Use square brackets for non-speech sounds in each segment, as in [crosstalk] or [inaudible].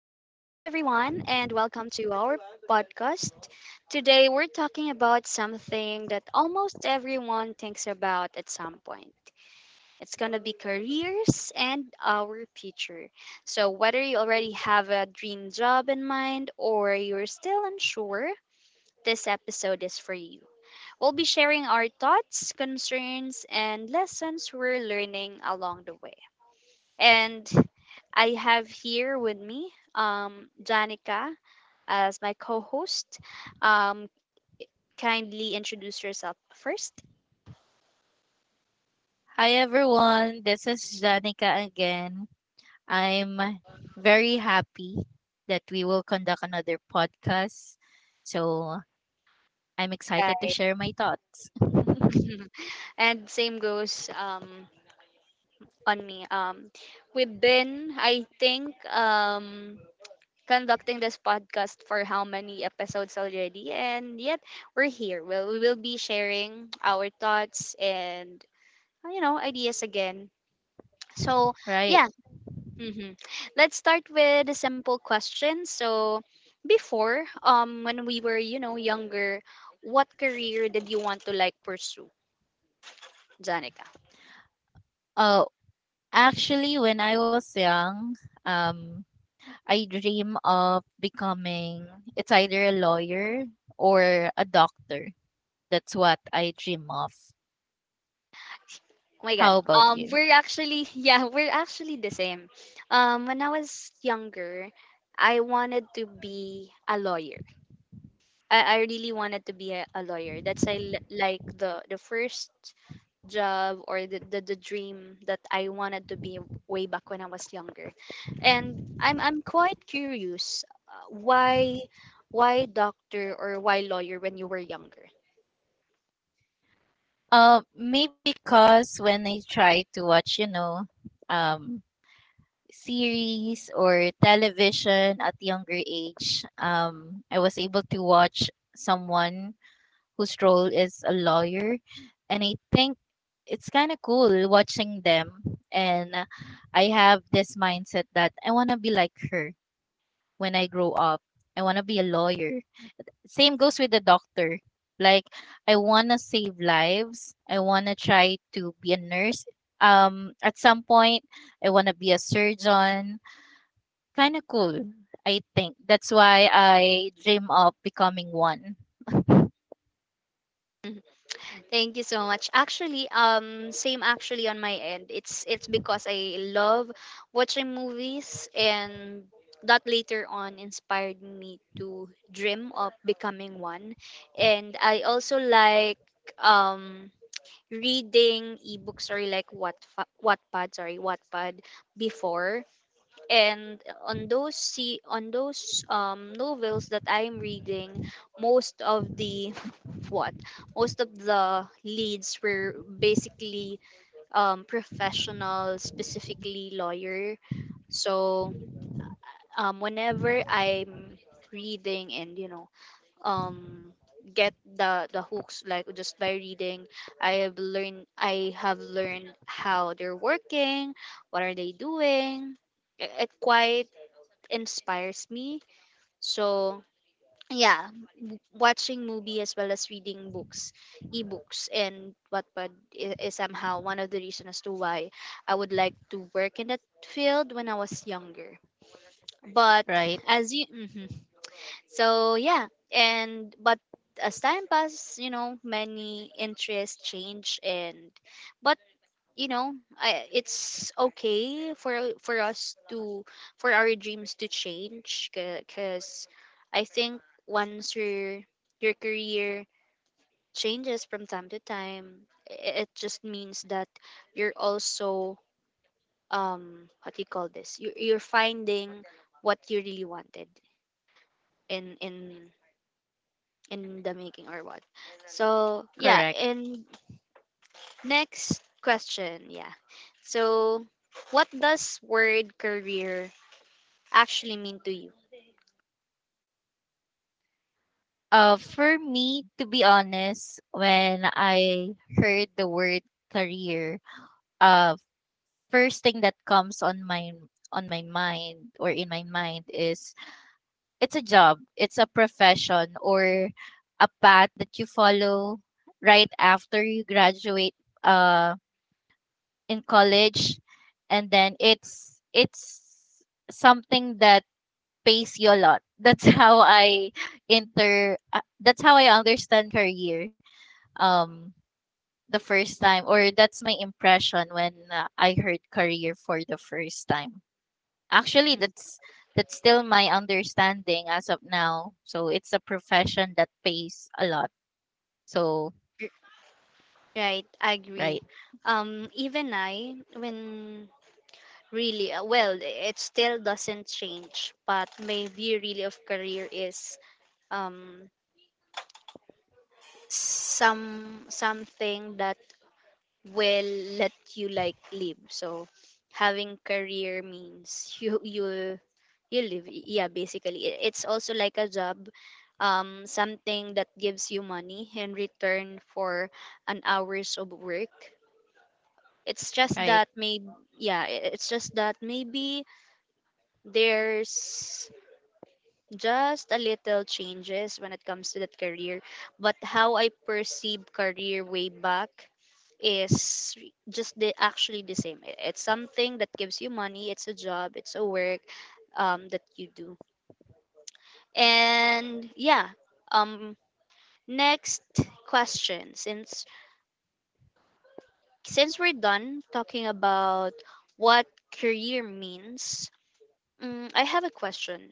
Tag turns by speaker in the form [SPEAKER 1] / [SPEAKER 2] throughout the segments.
[SPEAKER 1] everyone, and welcome to our podcast. Today, we're talking about something that almost everyone thinks about at some point. It's going to be careers and our future. So, whether you already have a dream job in mind or you're still unsure, this episode is for you. We'll be sharing our thoughts, concerns, and lessons we're learning along the way. And I have here with me Janica as my co host. Um, kindly introduce yourself first.
[SPEAKER 2] Hi everyone, this is Janica again. I'm very happy that we will conduct another podcast. So I'm excited to
[SPEAKER 1] Guys.
[SPEAKER 2] share my thoughts.
[SPEAKER 1] [laughs] And same goes on me. We've been, I think, conducting this podcast for how many episodes already, and yet we're here. Well, we will be sharing our thoughts and ideas again. So,
[SPEAKER 2] Right.
[SPEAKER 1] yeah. Mm-hmm. Let's start with a simple question. So, before, when we were, younger, what career did you want to like pursue, Janica?
[SPEAKER 2] Oh, actually, when I was young, um, I dream of becoming it's either a lawyer or a doctor. That's what I dream of.
[SPEAKER 1] Oh my God.
[SPEAKER 2] How about
[SPEAKER 1] Um,
[SPEAKER 2] you?
[SPEAKER 1] we're actually, [laughs] yeah, we're actually the same. When I was younger, I wanted to be a lawyer. I really wanted to be a lawyer. That's like the first job or the dream that I wanted to be way back when I was younger. And I'm quite curious, uh, why why doctor or why lawyer when you were younger.
[SPEAKER 2] Maybe because when I try to watch, um, series or television at younger age. I was able to watch someone whose role is a lawyer, and I think it's kind of cool watching them. And I have this mindset that I want to be like her when I grow up. I want to be a lawyer. Same goes with the doctor. Like I want to save lives. I want to try to be a nurse. At some point, I want to be a surgeon. Kind of cool, I think. That's why I dream of becoming one. [laughs]
[SPEAKER 1] Thank you so much. Actually, same actually on my end. It's because I love watching movies and that later on inspired me to dream of becoming one, and I also like um reading ebooks or like what Wattpad, sorry, Wattpad before. And on those, see, on those novels that I'm reading, most of the [laughs] what most of the leads were basically professional, specifically lawyer. So, whenever I'm reading and um get the hooks, like, just by reading, I have learned how they're working, what are they doing. It quite inspires me. So, yeah, watching movie as well as reading books, ebooks, and Wattpad is somehow one of the reasons as to why I would like to work in that field when I was younger. But
[SPEAKER 2] Right?
[SPEAKER 1] as you mhm. So, yeah. And but as time passes, you know, many interests change, and but you know, it's okay for us to for our dreams to change, because I think once your career changes from time to time, it just means that you're also, what do you call this? You're finding what you really wanted in in in the making or what. So, yeah.
[SPEAKER 2] Correct.
[SPEAKER 1] And next question, yeah. So, what does word career actually mean to you?
[SPEAKER 2] For me, to be honest, when I heard the word career, uh, first thing that comes on my mind or in my mind is it's a job, it's a profession or a path that you follow right after you graduate uh, in college, and then it's something that pays you a lot. [laughs] That's how I inter. That's how I understand career. um the first time or that's my impression when I heard career for the first time. Actually,
[SPEAKER 1] Mm,
[SPEAKER 2] that's still my understanding as of now. So it's a profession that pays a lot. So,
[SPEAKER 1] r- right, I agree.
[SPEAKER 2] right,
[SPEAKER 1] Even I, when really, well, it still doesn't change. But my view really of career is, um something that will let you like live. So, having career means [laughs] you live. Yeah, basically, it's also like a job, something that gives you money in return for an hours of work. It's just
[SPEAKER 2] right.
[SPEAKER 1] that maybe, yeah, it's just that maybe there's just a little changes when it comes to that career. But how I perceive career way back is just the actually the same. It's something that gives you money. It's a job. It's a work, that you do. And yeah, um next question. Since we're done talking about what career means, I have a question.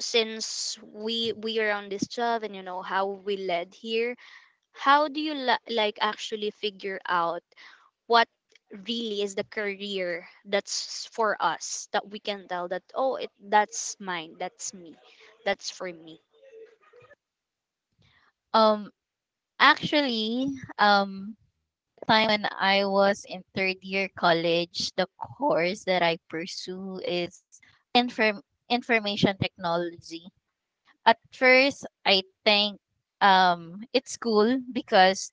[SPEAKER 1] Since we are on this job and you know how we led here, how do you like actually figure out what really is the career that's for us, that we can tell that, oh, it that's mine, that's me, that's for me.
[SPEAKER 2] Um Actually, um time when I was in third year college, the course that I pursue is inform information technology. At first, I think it's cool because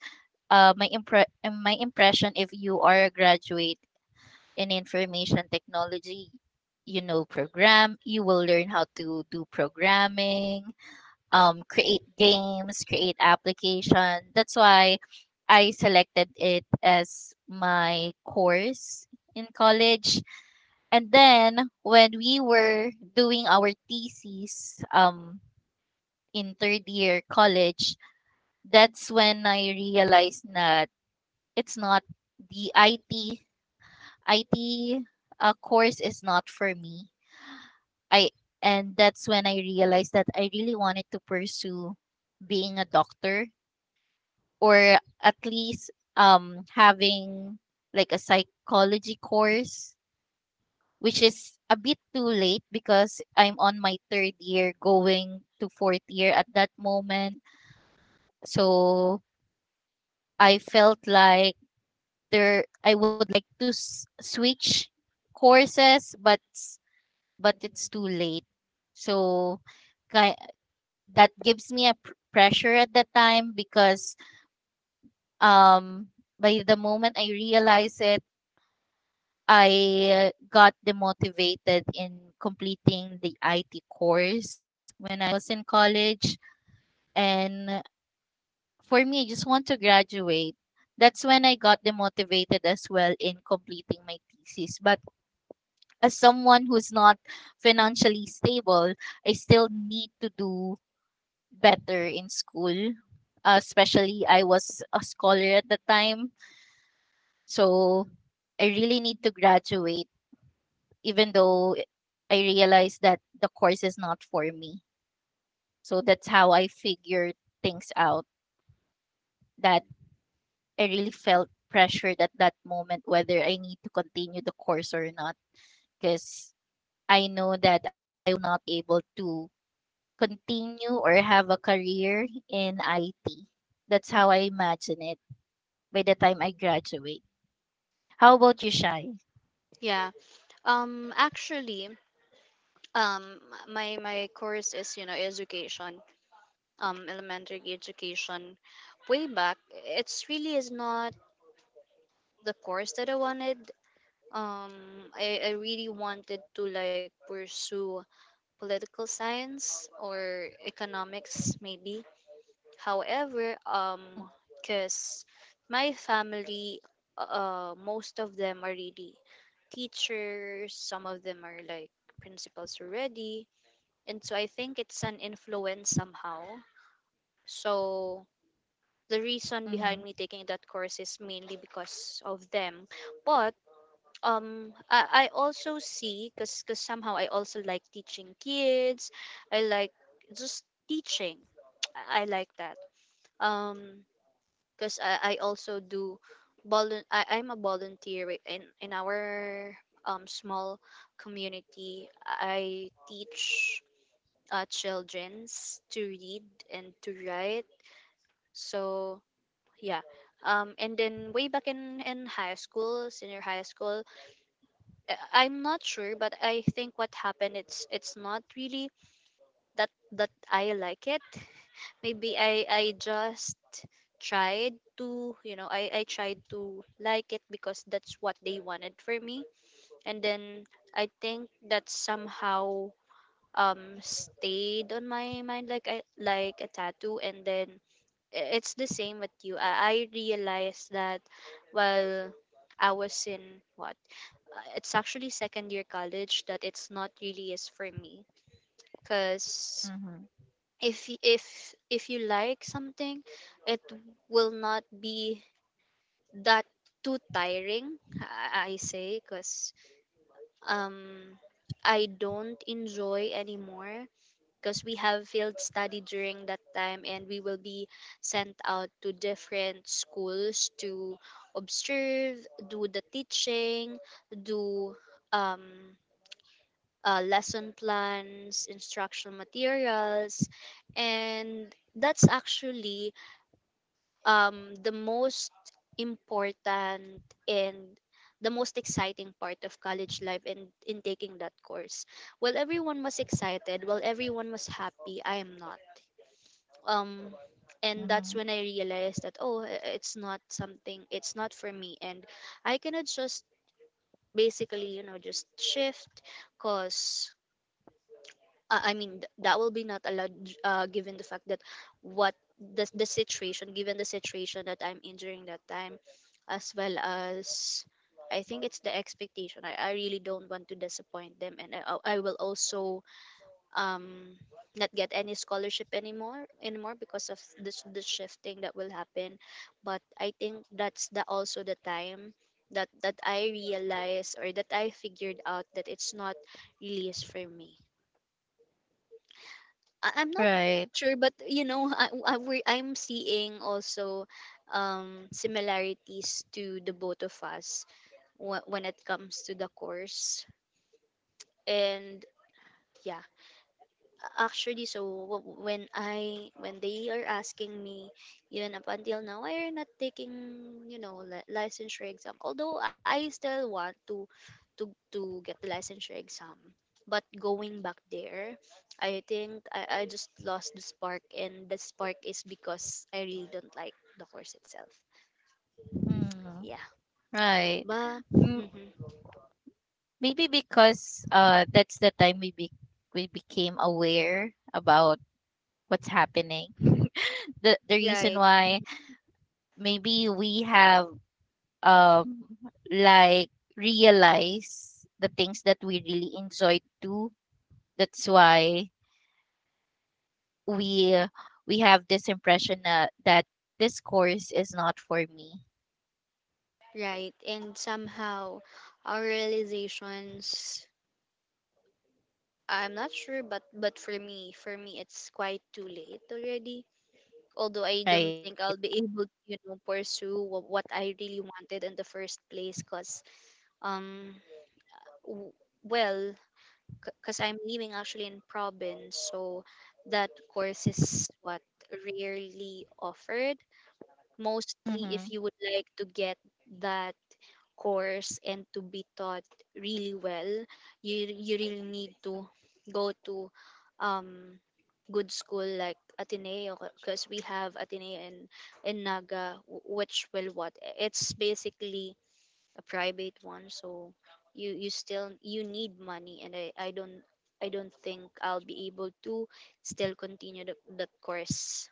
[SPEAKER 2] my impression, if you are a graduate in information technology program, you will learn how to do programming, create games, create application. That's why I selected it as my course in college. And then when we were doing our thesis, in third year college, that's when I realized na it's not the IT course is not for me. I and that's when I realized that I really wanted to pursue being a doctor, or at least having like a psychology course, which is a bit too late because I'm on my third year going to fourth year at that moment. So I felt like there I to s- switch courses, but it's too late, so ki- that gives me a pressure at that time because um by the moment I realize it, I got demotivated in completing the IT course when I was in college. And for me, I just want to graduate. That's when I got demotivated as well in completing my thesis, but as someone who's not financially stable, I still need to do better in school. Especially, I was a scholar at the time. So I really need to graduate, even though I realized that the course is not for me. So that's how I figured things out, that I really felt pressured at that moment whether I need to continue the course or not. Because I know that I will not able to continue or have a career in IT. That's how I imagine it by the time I graduate. How about you, Shai?
[SPEAKER 1] Yeah. Actually, um my course is, education, elementary education. Way back, it's really is not the course that I wanted. I really wanted to like pursue political science or economics, maybe. However, because my family, most of them are really teachers. Some of them are like principals already, and so I think it's an influence somehow. So, the reason
[SPEAKER 2] Mm-hmm.
[SPEAKER 1] behind me taking that course is mainly because of them. But I also see, because cause 'cause somehow I also like teaching kids. I like just teaching. [tsk] I like that. Um because I also do I'm a volunteer in our small community. I teach childrens to read and to write. So, yeah. And then way back in high school, senior high school, I'm not sure, but I think what happened, it's not really that I like it. Maybe I just tried to you know I tried to like it because that's what they wanted for me, and then I think that somehow stayed on my mind, like, I like a tattoo. And then, it's the same with you. I realized that while I was in what, it's actually second year college that it's not really is for me. Because
[SPEAKER 2] Mm-hmm.
[SPEAKER 1] if y- if if you like something, it will not be that too tiring, I say, because um I don't enjoy anymore, because we have field study during that time and we will be sent out to different schools to observe, do the teaching, do um lesson plans, instructional materials, and that's actually the most important and the most exciting part of college life and in taking that course. While everyone was excited, while everyone was happy, I am not. Um, and
[SPEAKER 2] Mhm.
[SPEAKER 1] that's when I realized that, oh, it's not something, it's not for me, and I cannot just basically just shift, because, I mean, that will be not allowed, given the fact that what the, situation, given the situation that I'm in during that time, as well as, I think, it's the expectation. I really don't want to disappoint them, and I will also, um, not get any scholarship anymore because of this the shifting that will happen. But I think that's the also the time that I realized or that I figured out that it's not really is for me. I'm not
[SPEAKER 2] Right.
[SPEAKER 1] sure, but, you know, I'm seeing also similarities to the both of us, when it comes to the course. And yeah, actually, so when they are asking me, even up until now, I are not taking, licensure exam. Although I still want to to get the licensure exam, but going back there, I think I just lost the spark, and the spark is because I really don't like the course itself.
[SPEAKER 2] Mm.
[SPEAKER 1] Yeah,
[SPEAKER 2] Right.
[SPEAKER 1] but
[SPEAKER 2] M-
[SPEAKER 1] mhm.
[SPEAKER 2] maybe because that's the time we became aware about what's happening. [laughs] The reason
[SPEAKER 1] Right,
[SPEAKER 2] why
[SPEAKER 1] mm-hmm,
[SPEAKER 2] maybe we have um like realized the things that we really enjoy too. That's why we uh, we have this impression that this course is not for me.
[SPEAKER 1] right. And somehow, our realizations, I'm not sure. But for me, it's quite too late already. Although I
[SPEAKER 2] Right.
[SPEAKER 1] don't think I'll be able to pursue what I really wanted in the first place, cause, um, w- well, because I'm living actually in province, so that course is what rarely offered. Mostly, if
[SPEAKER 2] Mm-hmm.
[SPEAKER 1] you would like to get that course and to be taught really well, you really need to go to um good school like Ateneo, because we have Ateneo in Naga, which will what it's basically a private one. So, you still you need money, and I don't think I'll be able to still continue that course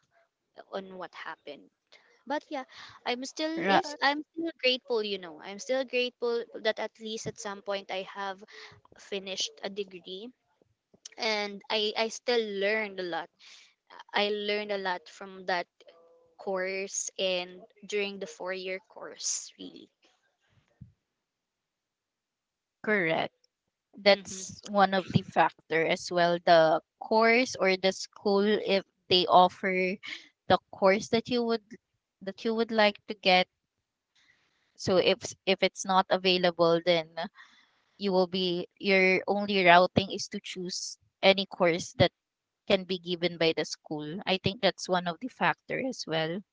[SPEAKER 1] on what happened. But yeah, i'm still
[SPEAKER 2] Ra-
[SPEAKER 1] yes i'm still grateful that at least at some point I have finished a degree. And I still learned a lot. I learned a lot from that course, and during the 4-year course really,
[SPEAKER 2] correct.
[SPEAKER 1] hmm.
[SPEAKER 2] That's one of the factor as well, the course or the school, if they offer the course that you would like to get. So, if it's not available, then you will be your only routing is to choose any course that can be given by the school. I think that's one of the factor as well.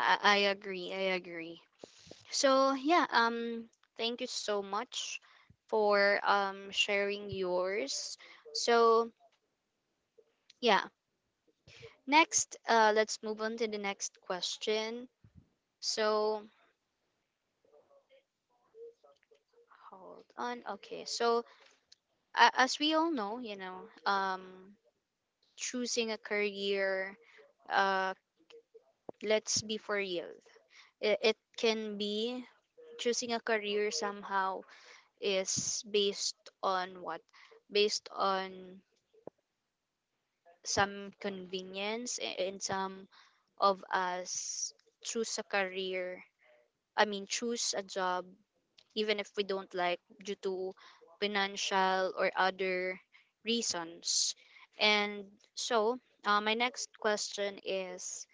[SPEAKER 1] I agree, I agree. So, yeah. Thank you so much for sharing yours. So, yeah. Next, let's move on to the next question. So, hold on. Okay. So, as we all know, choosing a career, uh, let's be for real. It can be, choosing a career somehow is based on what? Based on some convenience and some of us choose a career. I mean, choose a job, even if we don't like, due to financial or other reasons. And so, my next question is,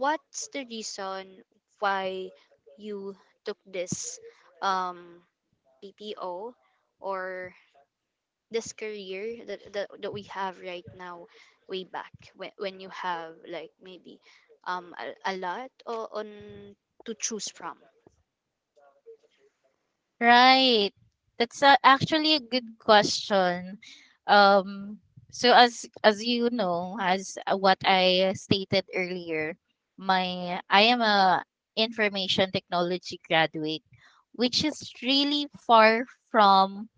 [SPEAKER 1] what's the reason why you took this um, PPO or this career that we have right now, way back when you have like, maybe, a lot on to choose from?
[SPEAKER 2] Right. That's actually a good question. Um, so, as you know, as what I stated earlier, my I am a information technology graduate, which is really far from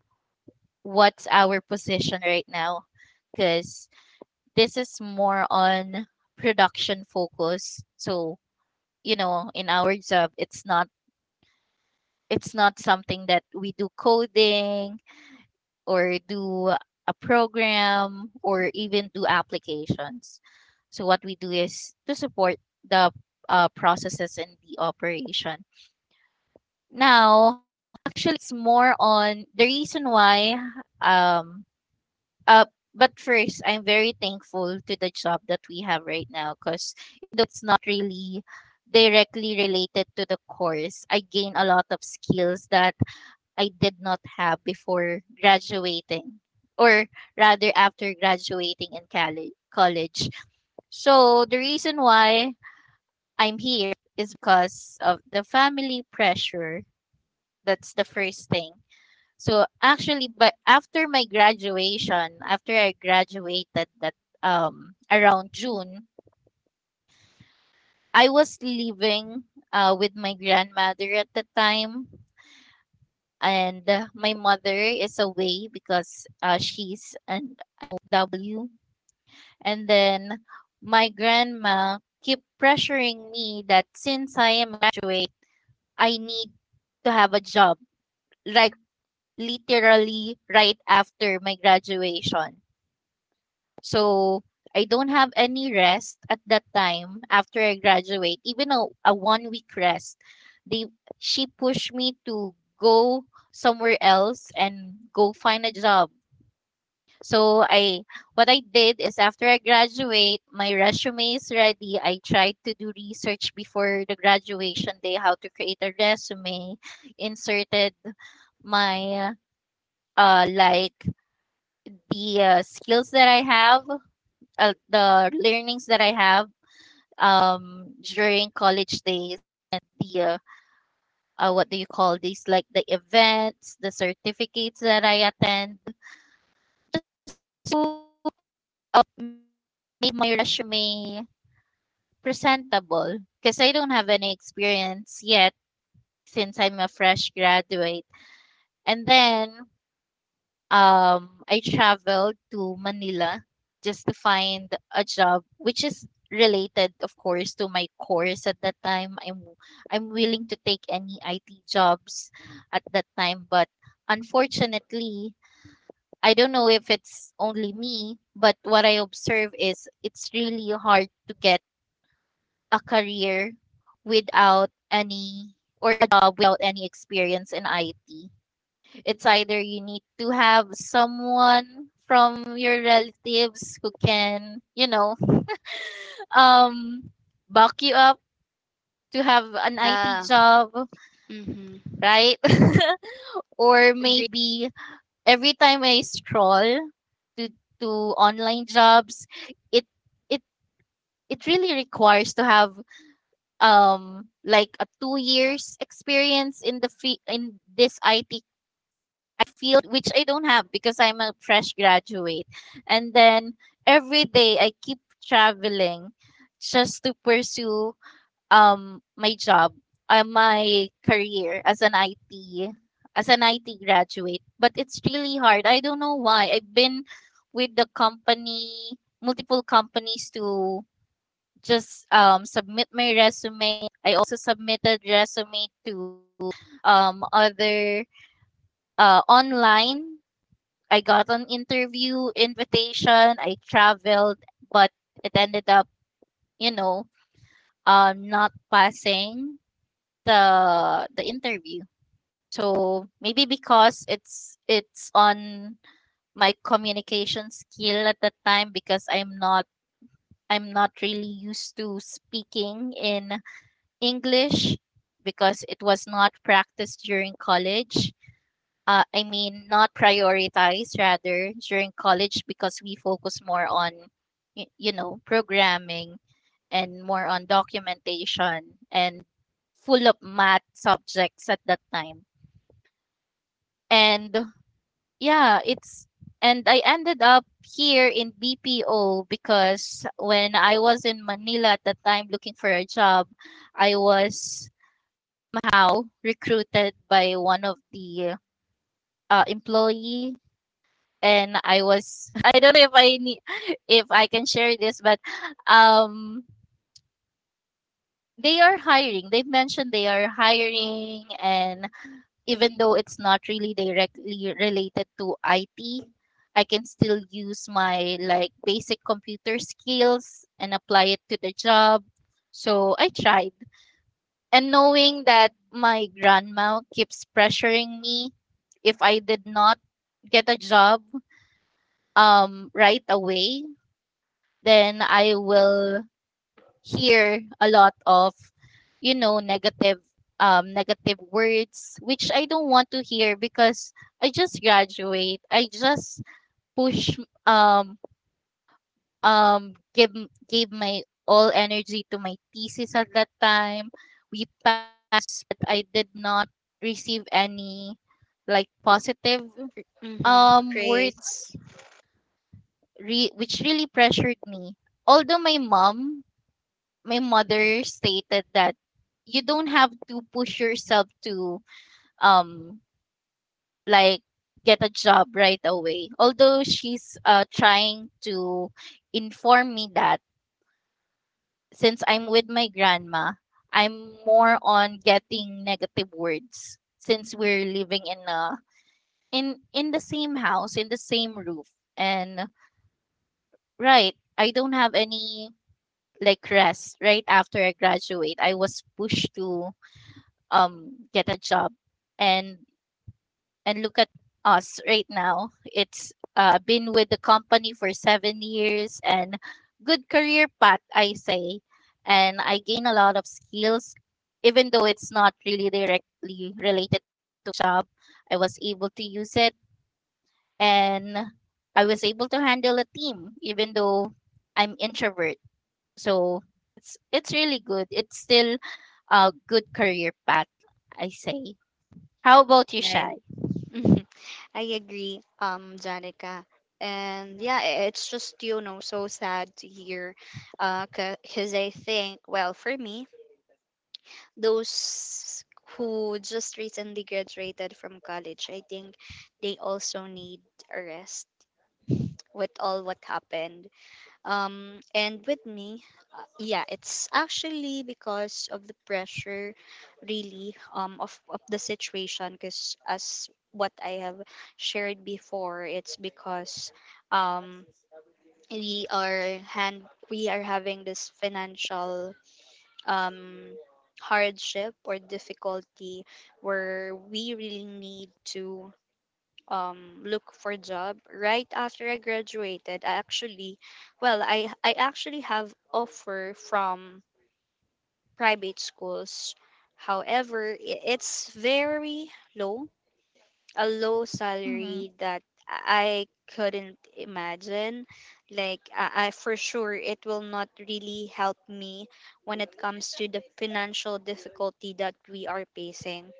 [SPEAKER 2] what's our position right now, because this is more on production focus. So, in our job, it's not, something that we do coding or do a program or even do applications. So what we do is to support the processes and the operation. Now, actually, it's more on the reason why. Um, uh, but first, I'm very thankful to the job that we have right now because though it's not really directly related to the course, I gain a lot of skills that I did not have before graduating, or rather after graduating in college. So the reason why I'm here is because of the family pressure. That's the first thing. So actually, but after my graduation, after I graduated, that around June, I was living with my grandmother at the time, and my mother is away because she's an OW. And then my grandma keep pressuring me that since I am a graduate, I need to have a job, like literally right after my graduation. So I don't have any rest at that time after I graduate, even a one week rest. They she pushed me to go somewhere else and go find a job. So, I what I did is after I graduate, my resume is ready. I tried to do research before the graduation day how to create a resume, inserted my, like the, skills that I have, the learnings that I have during college days, and the, what do you call these, like the events, the certificates that I attend, just to up my resume presentable because I don't have any experience yet since I'm a fresh graduate. And then I traveled to Manila just to find a job which is related of course to my course at that time. I'm willing to take any IT jobs at that time, but unfortunately I don't know if it's only me, but what I observe is it's really hard to get a career without any, or a job without any experience in IT. It's either you need to have someone from your relatives who can, [laughs] um, buck you up to have an IT
[SPEAKER 1] Yeah.
[SPEAKER 2] job,
[SPEAKER 1] Mm-hmm.
[SPEAKER 2] right? [laughs] Or maybe every time I scroll to to online jobs, it it it really requires to have like a 2 years experience in this IT field, which I don't have because I'm a fresh graduate. And then every day I keep traveling just to pursue my job, my career as an IT graduate. But it's really hard. I don't know why. I've been with the company, multiple companies, to just submit my resume. I also submitted resume to other online. I got an interview invitation. I traveled, but it ended up, you know, not passing the interview. So maybe because it's, on my communication skill at the time because I'm not really used to speaking in English because it was not practiced during college. I mean, not prioritize rather during college because we focus more on, programming, and more on documentation and full of math subjects at that time. And yeah, and I ended up here in BPO because when I was in Manila at that time looking for a job, I was somehow recruited by one of the employee, and I don't know if, I need if I can share this, but um, they are hiring. They've mentioned they are hiring, and even though it's not really directly related to IT, I can still use my like basic computer skills and apply it to the job. So I tried, and knowing that my grandma keeps pressuring me, if I did not get a job right away, then I will hear a lot of you know negative negative words, which I don't want to hear because I just graduate. I just push um give gave my all energy to my thesis at that time. We passed but I did not receive any like positive
[SPEAKER 1] Mm-hmm. Praise.
[SPEAKER 2] words, which really pressured me. Although my mother stated that you don't have to push yourself to um like get a job right away. Although she's trying to inform me that since I'm with my grandma, I'm more on getting negative words since we're living in the same house, in the same roof. And, right, I don't have any like rest right after I graduate. I was pushed to get a job, and and look at us right now. It's been with the company for 7 years, and good career path I say. And I gain a lot of skills even though it's not really directly related to job. I was able to use it, and I was able to handle a team even though I'm introvert. So it's, really good. It's still a good career path I say. How about you, Shy?
[SPEAKER 1] Right. Mhm. I agree, Janica. And yeah, it's just, so sad to hear. Because I think, well, for me, those who just recently graduated from college, I think they also need a rest with all what happened. And with me, yeah, it's actually because of the pressure really of the situation. Because as what I have shared before, it's because um we are hand we are having this financial um hardship or difficulty where we really need to look for job. Right after I graduated, I actually, well, I actually have offer from private schools. However, it's very low, a low
[SPEAKER 2] Mm-hmm.
[SPEAKER 1] salary that I couldn't imagine. Like, I for sure it will not really help me when it comes to the financial difficulty that we are facing.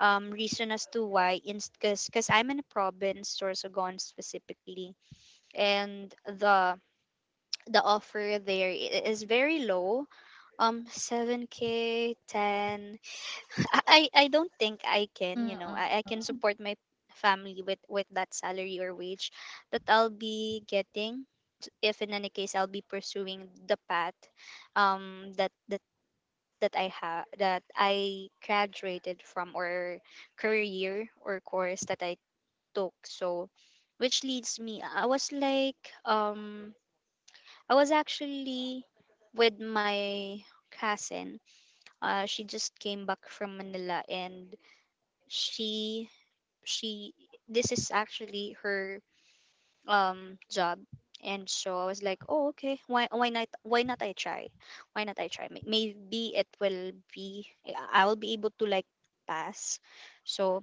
[SPEAKER 1] Reason as to why, because I'm in a province, Sorsogon specifically, and the offer there is very low, um, 7K, 10. I don't think I can, you
[SPEAKER 2] Mm-hmm.
[SPEAKER 1] know, I can support my family with that salary or wage that I'll be getting, if in any case I'll be pursuing the path um that that that I have, that I graduated from, or career or course that I took. So, which leads me, I was like, I was actually with my cousin. Uh, she just came back from Manila and she she, this is actually her job. And so I was like, oh, okay, why not I try why not I try May- maybe it will be, I will be able to like pass. So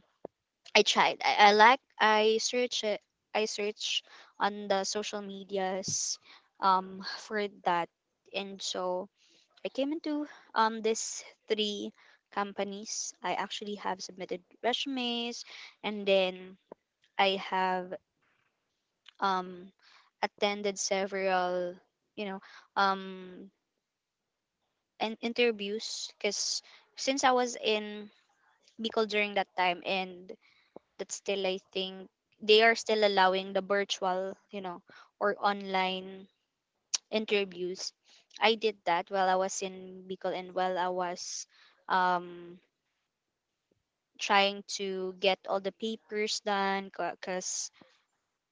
[SPEAKER 1] I tried, I, I search it I search on the social medias, for that. And so I came into, these three companies. I actually have submitted resumes, and then I have, um attended several, you know, um and interviews, because since I was in Bicol during that time, and that's still, I think they are still allowing the virtual, you know, or online interviews. I did that while I was in Bicol, and while I was um trying to get all the papers done. Because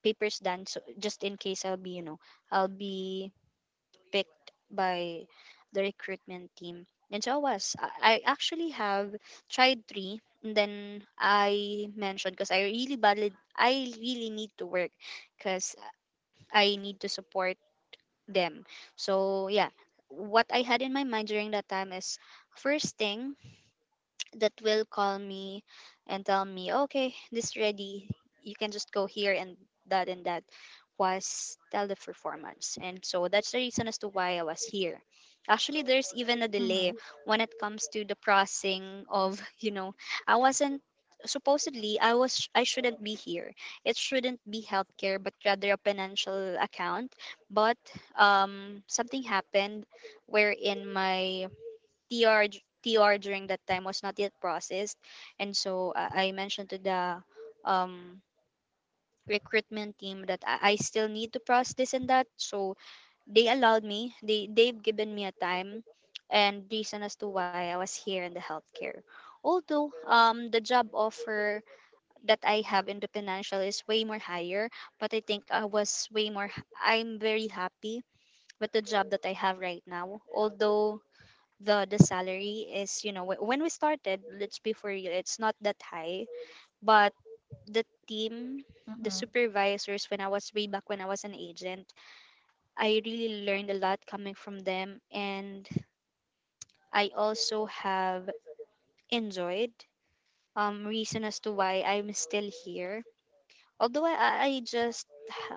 [SPEAKER 1] papers done so just in case I'll be, you know, I'll be picked by the recruitment team. And so I was, I actually have tried three. And then I mentioned, because I really badly, I really need to work, because I need to support them. So yeah, what I had in my mind during that time is, first thing that will call me and tell me, okay, this ready, you can just go here and that and that, was teleperformance. And so that's the reason as to why I was here. Actually, there's even a
[SPEAKER 2] Mm-hmm.
[SPEAKER 1] delay when it comes to the processing of, [laughs] you know, I wasn't, supposedly I was, I shouldn't be here. It shouldn't be healthcare, but rather a financial account. But something happened wherein my TR TR during that time was not yet processed, and so I mentioned to the, um, recruitment team that I still need to process this and that. So they allowed me. They've given me a time and reason as to why I was here in the healthcare. Although, the job offer that I have in the financial is way more higher, but I think I was way more. I'm very happy with the job that I have right now. Although the salary is, you know, when we started, let's be for real, it's not that high. But the
[SPEAKER 2] Mm-hmm.
[SPEAKER 1] team, the supervisors, when I was, way back when I was an agent, I really learned a lot coming from them. And I also have enjoyed, reason as to why I'm still here. Although I just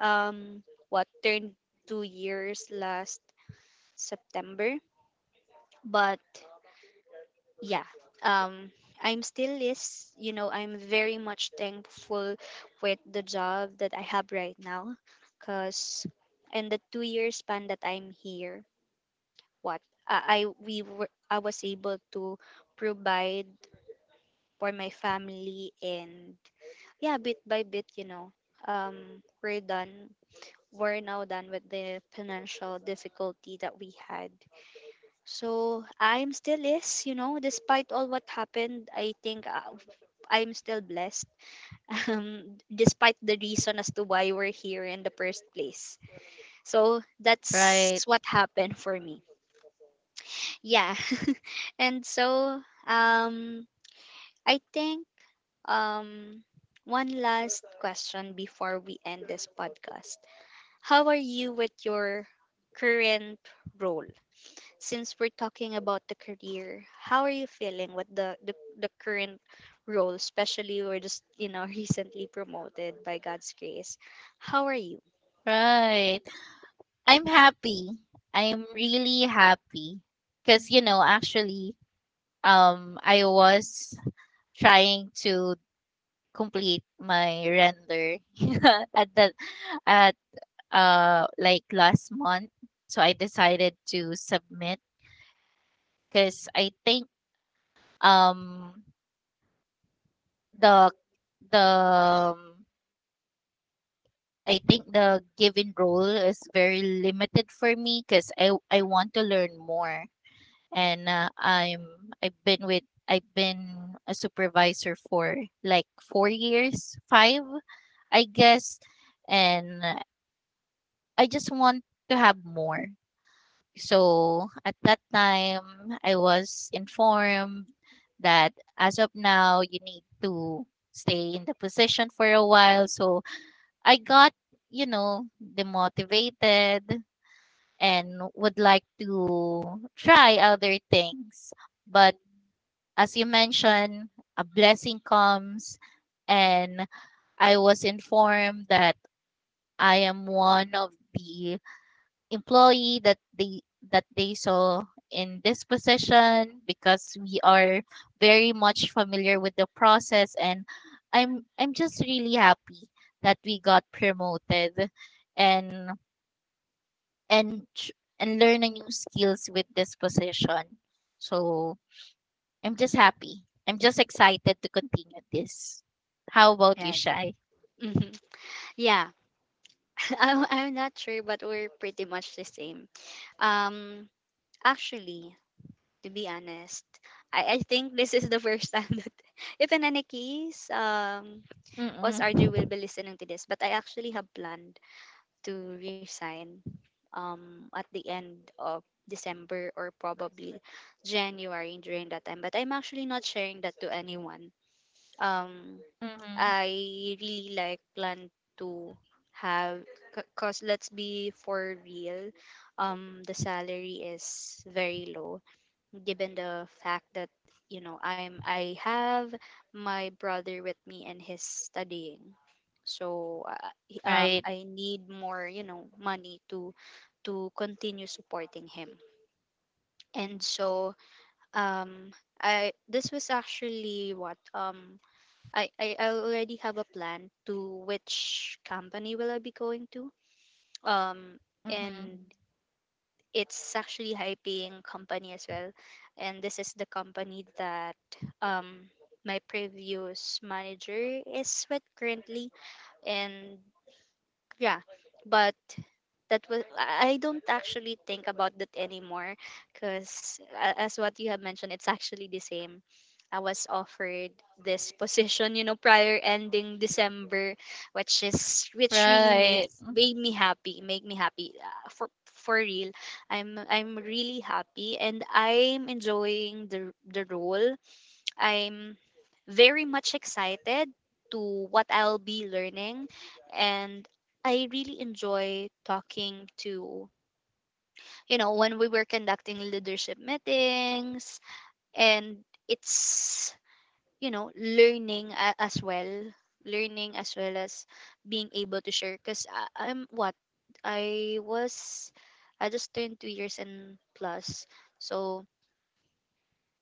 [SPEAKER 1] um what turned 2 years last September. But yeah, um I'm still is, you know, I'm very much thankful with the job that I have right now. Because in the 2 year span that I'm here, what I we were I was able to provide for my family. And yeah, bit by bit, you know, we're done, we're now done with the financial difficulty that we had. So I'm still is, you know, despite all what happened, I think I'm still blessed. [laughs] Despite the reason as to why we're here in the first place. So
[SPEAKER 2] Right,
[SPEAKER 1] that's what happened for me. Yeah. [laughs] And so, um I think, um one last question before we end this podcast. How are you with your current role? Since we're talking about the career, how are you feeling with the current role, especially we're just, you know, [laughs] recently promoted by God's grace? How are you?
[SPEAKER 2] right. I'm happy. I'm really happy because, actually, I was trying to complete my render [laughs] at the at like last month, so I decided to submit because I think, um the the um, the given role is very limited for me because I want to learn more, and I've been with I've been a supervisor for like 4 years, five, I guess, and I just want to have more. So at that time, I was informed that as of now, you need to stay in the position for a while. So I got demotivated and would like to try other things. But as you mentioned, a blessing comes, and I was informed that I am one of the employee that they saw in this position because we are very much familiar with the process, and I'm just really happy that we got promoted, and and tr- and learn a new skills with this position. So I'm just happy. I'm just excited to continue this. How about you,
[SPEAKER 1] Right.
[SPEAKER 2] Shy?
[SPEAKER 1] Hmm. Yeah, [laughs] I'm not sure, but we're pretty much the same. Um, actually, to be honest, I think, [laughs] this is the first time that, [laughs] if in any case,
[SPEAKER 2] Mm-mm.
[SPEAKER 1] was RJ will be listening to this, but I actually have planned to resign, at the end of December, or probably January during that time. But I'm actually not sharing that to anyone. Um,
[SPEAKER 2] Mm-mm.
[SPEAKER 1] I really like plan to have, because let's be for real, the salary is very low, given the fact that, you know, I have my brother with me and he's studying. So
[SPEAKER 2] Right.
[SPEAKER 1] I need more, you know, money to continue supporting him. And so, um I this was actually what, I already have a plan to which company will I be going to, um and
[SPEAKER 2] Mm-hmm.
[SPEAKER 1] it's actually high paying company as well. And this is the company that, um my previous manager is with currently. And yeah, but that was, I don't actually think about that anymore, because as what you have mentioned, it's actually the same. I was offered this position, you know, prior ending December, which is, which really made
[SPEAKER 2] Right.
[SPEAKER 1] made me happy, made me happy, for real. I'm really happy and I'm enjoying the role. I'm very much excited to what I'll be learning. And I really enjoy talking to, you know, when we were conducting leadership meetings. And it's, you know, learning as well, learning as well as being able to share, cuz I'm what I was, I just turned 2 years and plus. So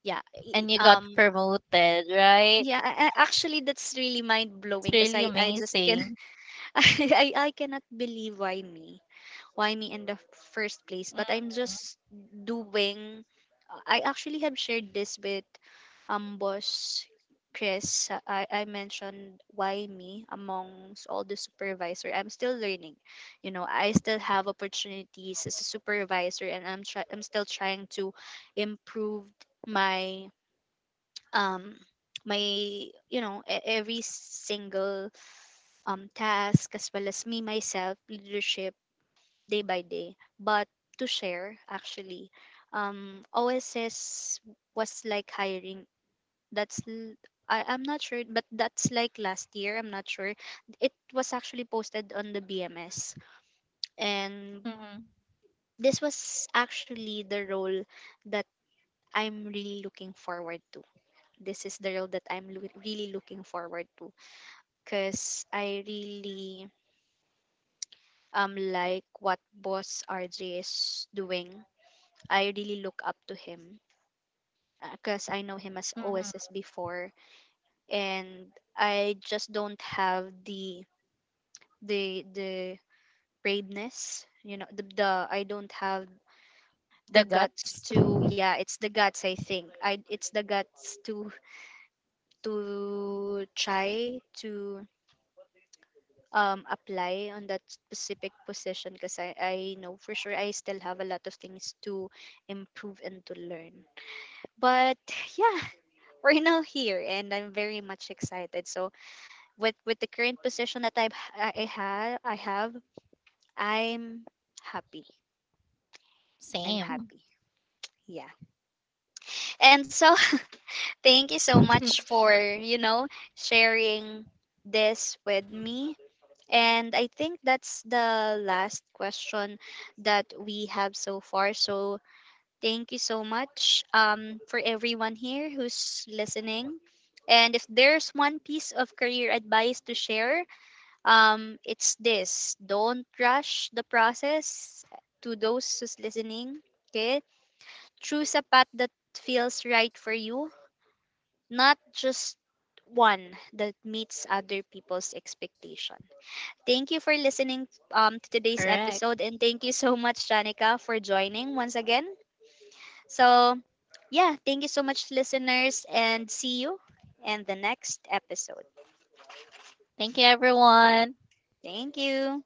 [SPEAKER 1] yeah,
[SPEAKER 2] And you got promoted, right?
[SPEAKER 1] yeah, actually, that's really mind
[SPEAKER 2] It's
[SPEAKER 1] blowing,
[SPEAKER 2] really
[SPEAKER 1] because I just can,
[SPEAKER 2] amazing.
[SPEAKER 1] [laughs] I, I cannot believe why me in the first place. But I'm just doing. I actually have shared this with, boss Chris. Uh, I mentioned why me amongst all the supervisor. I'm still learning, you know. I still have opportunities as a supervisor, and I'm still trying to improve my um my you know, every single, task as well as me myself leadership day by day. But to share actually, oss was like hiring, that's l- I, I'm not sure, but that's like last year, I'm not sure. It was actually posted on the BMS. And
[SPEAKER 2] Mhm,
[SPEAKER 1] this was actually the role that I'm really looking forward to. This is the role that I'm really looking forward to, because I really, like what boss RJ is doing. I really look up to him, because I know him as OSS
[SPEAKER 2] mhm.
[SPEAKER 1] before, and I just don't have the the the braveness, you know, the I don't have the
[SPEAKER 2] The
[SPEAKER 1] guts
[SPEAKER 2] guts, [laughs]
[SPEAKER 1] to, yeah, it's the guts, I think I it's the guts to try to, apply on that specific position, because I know for sure I still have a lot of things to improve and to learn. But [sighs] yeah, [laughs] we're now here and I'm very much excited. So with the current position that I have, I'm happy. I'm
[SPEAKER 2] same.
[SPEAKER 1] happy. Yeah. And so, [laughs] thank you so much
[SPEAKER 2] [laughs]
[SPEAKER 1] for, you know, sharing this with me. And I think that's the last question that we have so far. So thank you so much, for everyone here who's listening. And if there's one piece of career advice to share, it's this: don't rush the process, to those who's listening. Okay. Choose a path that feels right for you, not just one that meets other people's expectations. Thank you for listening, to today's
[SPEAKER 2] Correct.
[SPEAKER 1] episode. And thank you so much, Janica, for joining once again. So, yeah, thank you so much, listeners, and see you in the next episode.
[SPEAKER 2] Thank you, everyone.
[SPEAKER 1] Thank you.